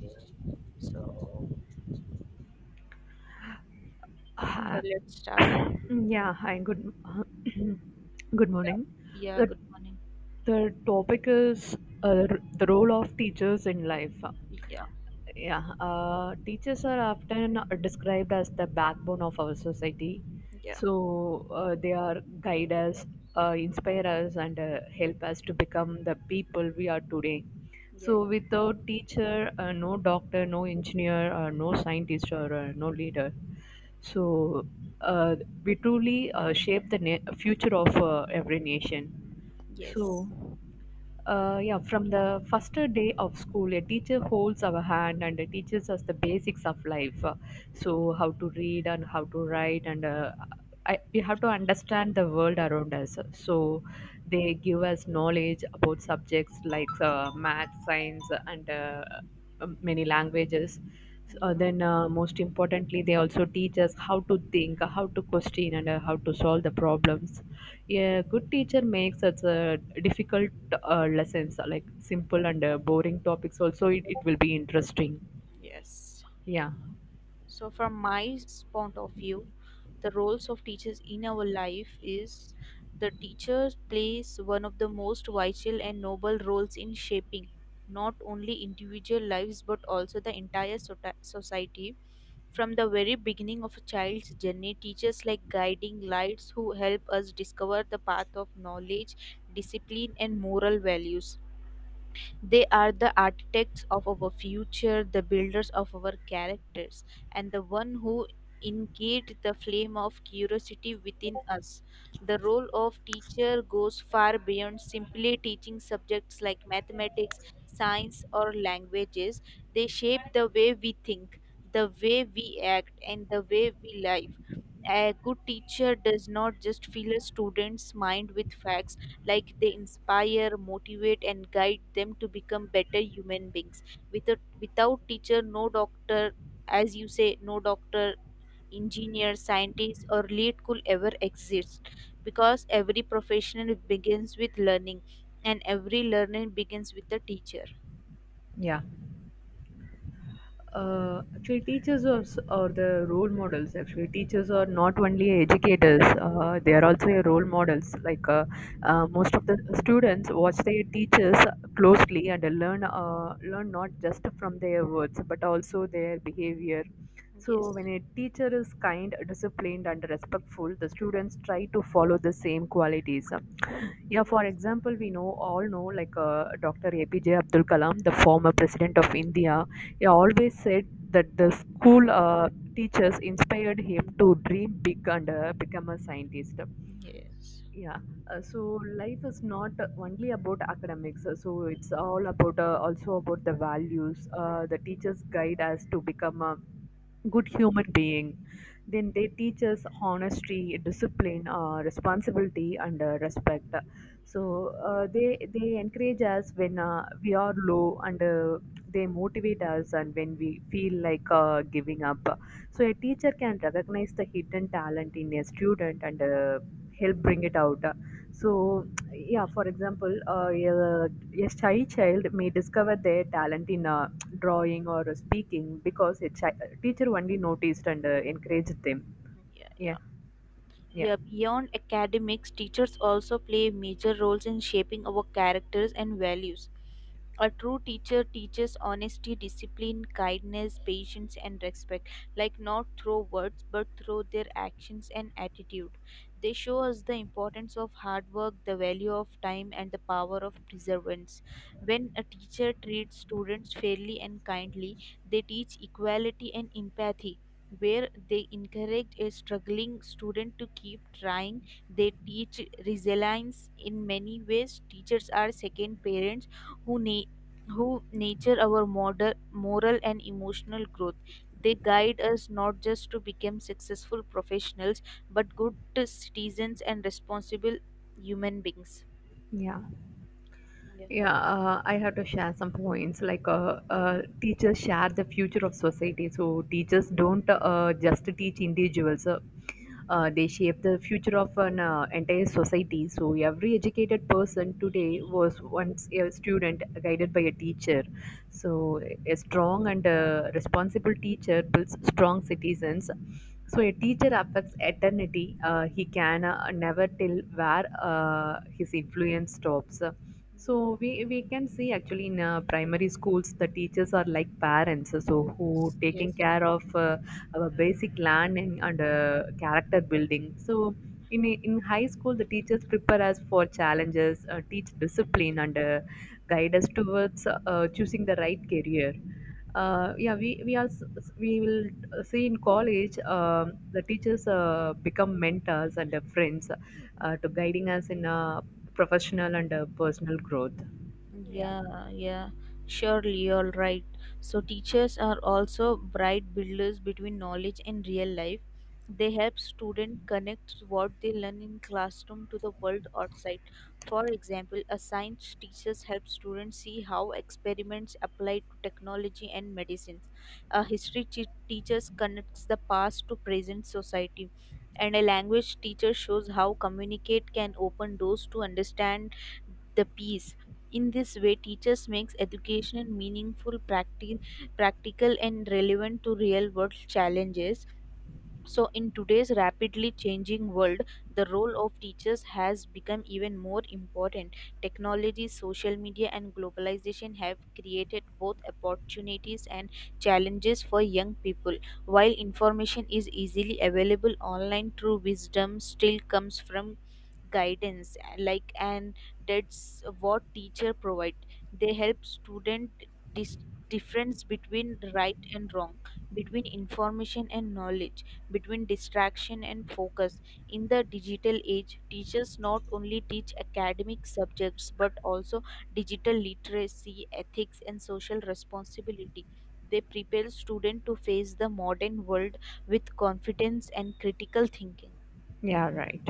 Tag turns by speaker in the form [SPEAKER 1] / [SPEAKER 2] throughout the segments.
[SPEAKER 1] Okay. So, okay,
[SPEAKER 2] Hi-
[SPEAKER 1] let's start.
[SPEAKER 2] Yeah, hi, good good
[SPEAKER 1] Yeah.
[SPEAKER 2] morning.
[SPEAKER 1] Yeah,
[SPEAKER 2] The
[SPEAKER 1] good morning.
[SPEAKER 2] the topic is the role of teachers in life.
[SPEAKER 1] Yeah.
[SPEAKER 2] Yeah, teachers are often described as the backbone of our society.
[SPEAKER 1] Yeah.
[SPEAKER 2] So they are guide us, inspire us, and help us to become the people we are today.
[SPEAKER 1] Yeah,
[SPEAKER 2] So
[SPEAKER 1] yeah.
[SPEAKER 2] without teacher, no doctor, no engineer, no scientist, or no leader. So uh, we truly shape the future of every nation.
[SPEAKER 1] Yes.
[SPEAKER 2] So yeah, from the first day of school, a teacher holds our hand and teaches us the basics of life. So, how to read and how to write, and we have to understand the world around us. So they give us knowledge about subjects like math, science, and many languages. So,
[SPEAKER 1] Yeah.
[SPEAKER 2] most importantly, they also teach us how to think, how to question, and how to solve the problems. A good teacher makes such difficult lessons like simple and boring topics. Also, it will be interesting.
[SPEAKER 1] Yes.
[SPEAKER 2] Yeah,
[SPEAKER 1] So, from point of view, the roles of teachers in our life is the teacher plays one of the most vital and noble roles in shaping not only individual lives but also the entire society. From the very beginning of a child's journey, teachers like guiding lights who help us discover the path of knowledge, discipline, and moral values, they are the architects of our future, the builders of our characters, and the one who ingate the flame of curiosity within us. The role of teacher goes far beyond simply teaching subjects like mathematics, science, or languages. They shape the way we think, the way we act, and the way we live. A good teacher does not just fill a student's mind with facts, like they inspire, motivate, and guide them to become better human beings. Without teacher, no doctor, as you say, no doctor, engineer, scientist, or lead could ever exist, because every professional begins with learning and every learning begins with the teacher.
[SPEAKER 2] yeah. Actually teachers are, are the role models. Actually teachers are not only educators, they are also your role models, most of the students watch their teachers closely and learn not just from their words but also their behavior.
[SPEAKER 1] Yes.
[SPEAKER 2] So when a teacher is kind, disciplined and respectful, the students try to follow the same qualities. Yeah, for
[SPEAKER 1] Yes.
[SPEAKER 2] example, we know all know like Dr. APJ Abdul Kalam, the former president of India, he always said that the school teachers inspired him to dream big and become a scientist.
[SPEAKER 1] Yes.
[SPEAKER 2] Yeah. So life is not only about academics. So it's all about also about the values. The teachers guide us to become a good human being. Then they teach us honesty, discipline, responsibility, and respect. So they encourage us when we are low, and they motivate us, and when we feel like giving up. So a teacher can recognize the hidden talent in a student and help bring it out. So yeah, for example, a shy child may discover their talent in drawing or speaking because a teacher only noticed and encouraged them.
[SPEAKER 1] Yeah,
[SPEAKER 2] Yeah,
[SPEAKER 1] yeah.
[SPEAKER 2] yeah.
[SPEAKER 1] Yeah, beyond academics, teachers also play major roles in shaping our characters and values. A true teacher teaches honesty, discipline, kindness, patience, and respect, like not through words but through their actions and attitude. They show us the importance of hard work, the value of time, and the power of perseverance. When a teacher treats students fairly and kindly, they teach equality and empathy. Where they encourage a struggling student to keep trying, they teach resilience in many ways. Teachers are second parents who na- who nature our model, moral and emotional growth. They guide us not just to become successful professionals, but good citizens and responsible human beings.
[SPEAKER 2] Yeah.
[SPEAKER 1] Yeah.
[SPEAKER 2] Yeah, I have to share some points. Like, teachers share the future of society. So, teachers don't just teach individuals, they shape the future of an entire society. So, every educated person today was once a student guided by a teacher. So, a strong and responsible teacher builds strong citizens. So a teacher affects eternity. He can never tell where his influence stops.
[SPEAKER 1] Yeah.
[SPEAKER 2] So we can see actually in primary schools the teachers are like parents, so who
[SPEAKER 1] Yes.
[SPEAKER 2] taking care of our basic learning and character building. So in high school the teachers prepare us for challenges, teach discipline and guide us towards choosing the right career. Yeah, we will see in college, the teachers become mentors and friends to guiding us in professional and personal growth. Yeah,
[SPEAKER 1] Yeah, yeah, surely you're right. So, teachers are also bright builders between knowledge and real life. They help students connect what they learn in classroom to the world outside. For example, a science teachers help students see how experiments apply to technology and medicines. A teachers connects the past to present society. And a language teacher shows how communicate can open doors to understand the peace. In this way, teachers makes education meaningful, practical, and relevant to real-world challenges. So, in today's rapidly changing world, the role of teachers has become even more important. Technology, social media, and globalization have created both opportunities and challenges for young people. While information is easily available online, true wisdom still comes from guidance, like, and that's what teacher provide. They help student dis- difference between right and wrong, between information and knowledge, between distraction and focus. In the digital age, teachers not only teach academic subjects but also digital literacy, ethics, and social responsibility. They prepare students to face the modern world with confidence and critical thinking.
[SPEAKER 2] yeah, right.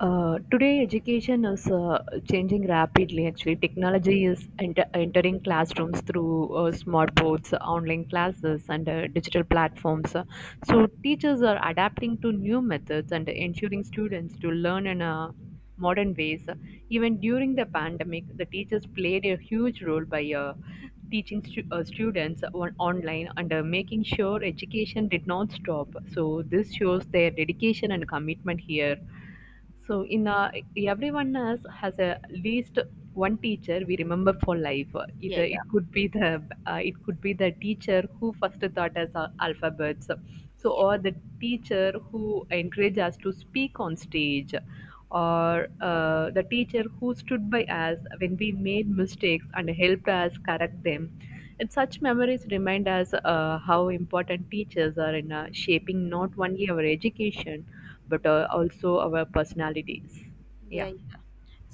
[SPEAKER 2] Today, education is changing rapidly. Actually, technology is entering classrooms through smart boards, online classes, and digital platforms. So, teachers are adapting to new methods and ensuring students to learn in modern ways. Even during the pandemic, the teachers played a huge role by teaching students online and making sure education did not stop. So, this shows their dedication and commitment here. So in everyone has a least one teacher we remember for life.
[SPEAKER 1] Yeah, yeah.
[SPEAKER 2] It could be the it could be the teacher who first taught us alphabets. So
[SPEAKER 1] Yeah.
[SPEAKER 2] or the teacher who encouraged us to speak on stage, or the teacher who stood by us when we made mistakes and helped us correct them. And such memories remind us how important teachers are in shaping not only our education but
[SPEAKER 1] Yeah,
[SPEAKER 2] also our personalities. Yeah.
[SPEAKER 1] yeah.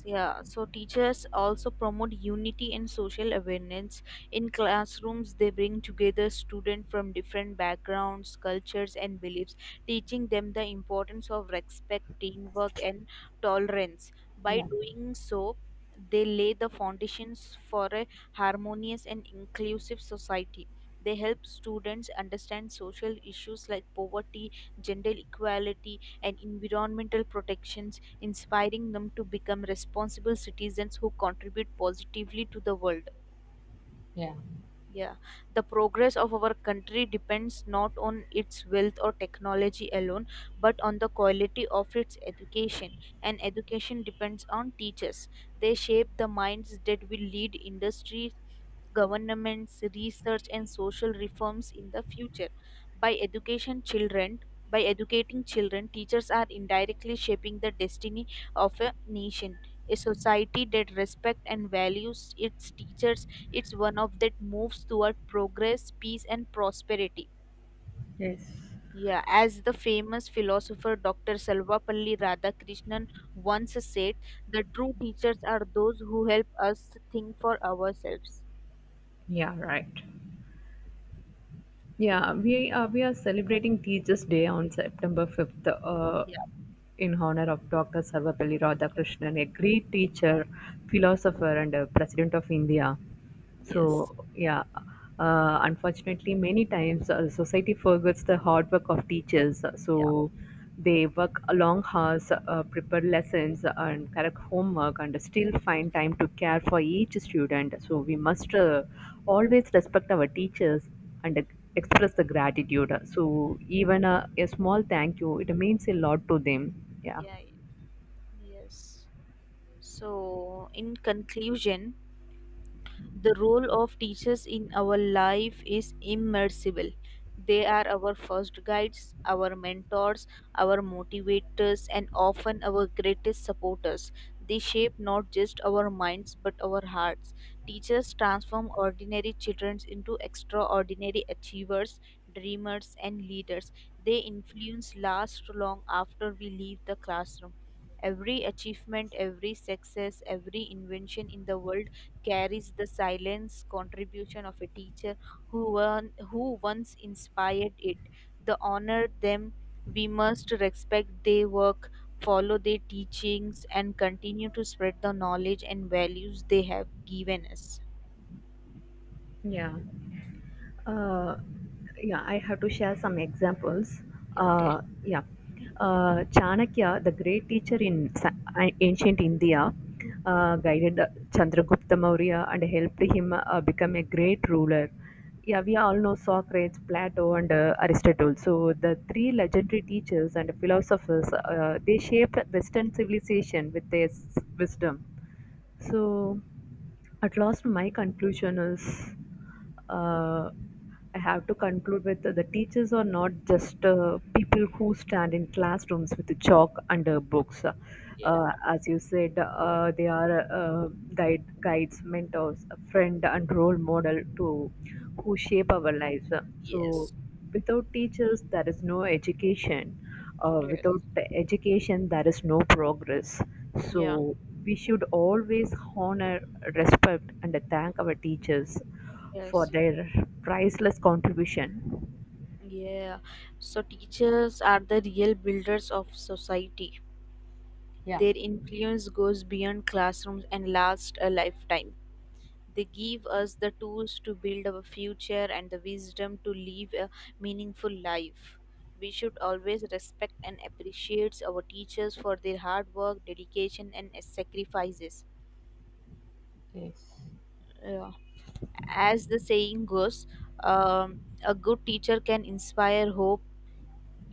[SPEAKER 1] Yeah, so teachers also promote unity and social awareness. In classrooms, they bring together students from different backgrounds, cultures, and beliefs, teaching them the importance of respect, teamwork, and tolerance. By
[SPEAKER 2] Yeah,
[SPEAKER 1] doing so, they lay the foundations for a harmonious and inclusive society. They help students understand social issues like poverty, gender equality, and environmental protections, inspiring them to become responsible citizens who contribute positively to the world.
[SPEAKER 2] yeah.
[SPEAKER 1] Yeah, the progress of our country depends not on its wealth or technology alone, but on the quality of its education. And education depends on teachers. They shape the minds that will lead industries, governments, research, and social reforms in the future. By education, children, by educating children, teachers are indirectly shaping the destiny of a nation. A society that respects and values its teachers, it's one of that moves toward progress, peace, and prosperity.
[SPEAKER 2] Yes,
[SPEAKER 1] Yeah, as the famous philosopher Dr. Salvapalli Radhakrishnan once said, the true teachers are those who help us think for ourselves.
[SPEAKER 2] yeah, right. Yeah, we are celebrating Teachers' Day on September 5th,
[SPEAKER 1] Yeah.
[SPEAKER 2] in honor of Dr. Sarvapalli Radhakrishnan, a great teacher, philosopher, and president of India. So
[SPEAKER 1] Yes.
[SPEAKER 2] yeah, unfortunately, many times society forgets the hard work of teachers.
[SPEAKER 1] Yeah.
[SPEAKER 2] So they work long hours, prepare lessons, and correct homework, and still find time to care for each student. So we must always respect our teachers and express the gratitude. So even a small thank you, it means a lot to them. Yeah.
[SPEAKER 1] Yeah. Yes. So, in conclusion, the role of teachers in our life is immersible. They are our first guides, our mentors, our motivators, and often our greatest supporters. They shape not just our minds but our hearts. Teachers transform ordinary children into extraordinary achievers, dreamers, and leaders. They influence lasts long after we leave the classroom. Every achievement, every success, every invention in the world carries the silence contribution of a teacher who, won, who once inspired it. The honor them, we must respect their work, follow their teachings, and continue to spread the knowledge and values they have given us.
[SPEAKER 2] Yeah. Uh, yeah, I have to share some examples.
[SPEAKER 1] Okay.
[SPEAKER 2] Uh, yeah, Chanakya, the great teacher in ancient India, guided Chandragupta Maurya and helped him become a great ruler. Yeah, we all know Socrates, Plato, and Aristotle. So the three legendary teachers and philosophers, they shaped Western civilization with their wisdom. So at last, my conclusion is uh, I have to conclude with the teachers are not just people who stand in classrooms with a chalk and books.
[SPEAKER 1] Yeah.
[SPEAKER 2] As you said, they are guides, mentors, a friend, and role model to who shape our lives. So,
[SPEAKER 1] Yes.
[SPEAKER 2] without teachers, there is no education,
[SPEAKER 1] Yes.
[SPEAKER 2] without education there is no progress,
[SPEAKER 1] Yeah.
[SPEAKER 2] so we should always honor, respect and thank our teachers for
[SPEAKER 1] Yes.
[SPEAKER 2] their priceless contribution.
[SPEAKER 1] Yeah. So teachers are the real builders of society.
[SPEAKER 2] Yeah,
[SPEAKER 1] Their influence goes beyond classrooms and lasts a lifetime. They give us the tools to build our future and the wisdom to live a meaningful life. We should always respect and appreciate our teachers for their hard work, dedication, and sacrifices.
[SPEAKER 2] yes.
[SPEAKER 1] Yeah. As the saying goes, a good teacher can inspire hope,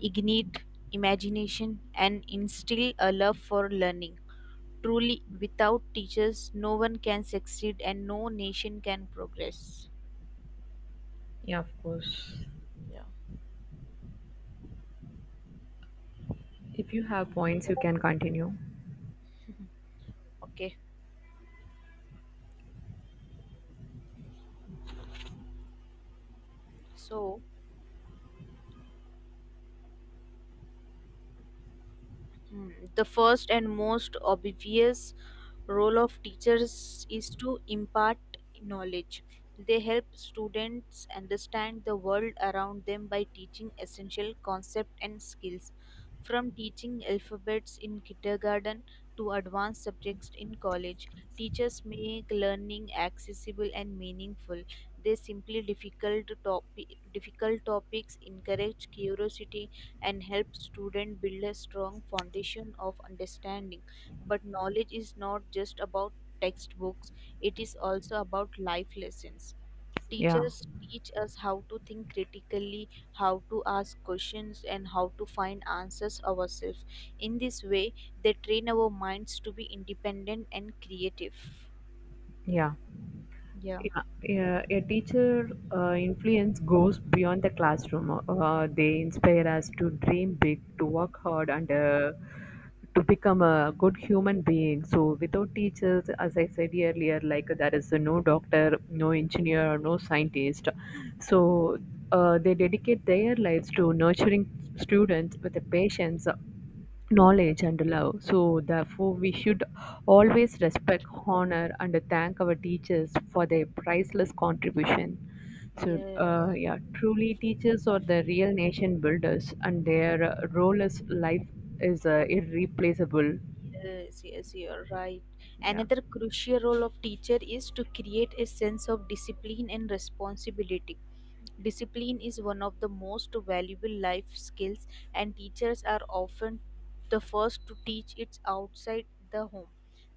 [SPEAKER 1] ignite imagination, and instill a love for learning. Truly, without teachers, no one can succeed and no nation can progress.
[SPEAKER 2] Yeah, of course.
[SPEAKER 1] Yeah.
[SPEAKER 2] If you have points you can continue.
[SPEAKER 1] Mhm. Okay. So, Hmm, the first and most obvious role of teachers is to impart knowledge. They help students understand the world around them by teaching essential concepts and skills. From teaching alphabets in kindergarten to advanced subjects in college, teachers make learning accessible and meaningful. They simply difficult topics, encourage curiosity, and help students build a strong foundation of understanding. But knowledge is not just about textbooks, it is also about life lessons.
[SPEAKER 2] Yeah,
[SPEAKER 1] Teachers teach us how to think critically, how to ask questions, and how to find answers ourselves. In this way, they train our minds to be independent and creative.
[SPEAKER 2] yeah.
[SPEAKER 1] Yeah.
[SPEAKER 2] Yeah, yeah, a teacher influence goes beyond the classroom. They inspire us to dream big, to work hard, and to become a good human being. So, without teachers, as I said earlier, like there is no doctor, no engineer, no
[SPEAKER 1] Yes.
[SPEAKER 2] scientist. So, they dedicate their lives to nurturing students with a patience, knowledge and love. So, therefore, we should always respect, honor, and thank our teachers for their priceless contribution. So,
[SPEAKER 1] Yes.
[SPEAKER 2] yeah, truly, teachers are the real nation builders, and their role as life is irreplaceable.
[SPEAKER 1] Yes, yes, you're right.
[SPEAKER 2] Yeah,
[SPEAKER 1] Another crucial role of teacher is to create a sense of discipline and responsibility. Discipline is one of the most valuable life skills, and teachers are often the first to teach it outside the home.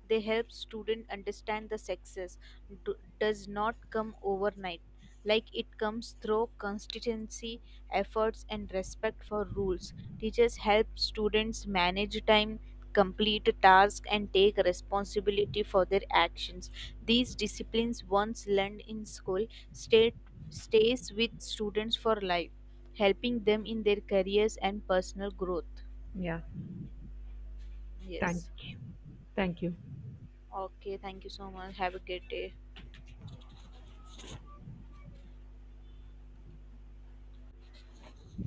[SPEAKER 1] They help student understand the sexes do, does not come overnight, like it comes through consistency, efforts, and respect for rules. Teachers help students manage time, complete tasks, and take responsibility for their actions. These disciplines once learned in school, stay, stays with students for life, helping them in their careers and personal growth.
[SPEAKER 2] yeah. Thank
[SPEAKER 1] Yes.
[SPEAKER 2] you. Thank you.
[SPEAKER 1] Okay, thank you so much, have a great day.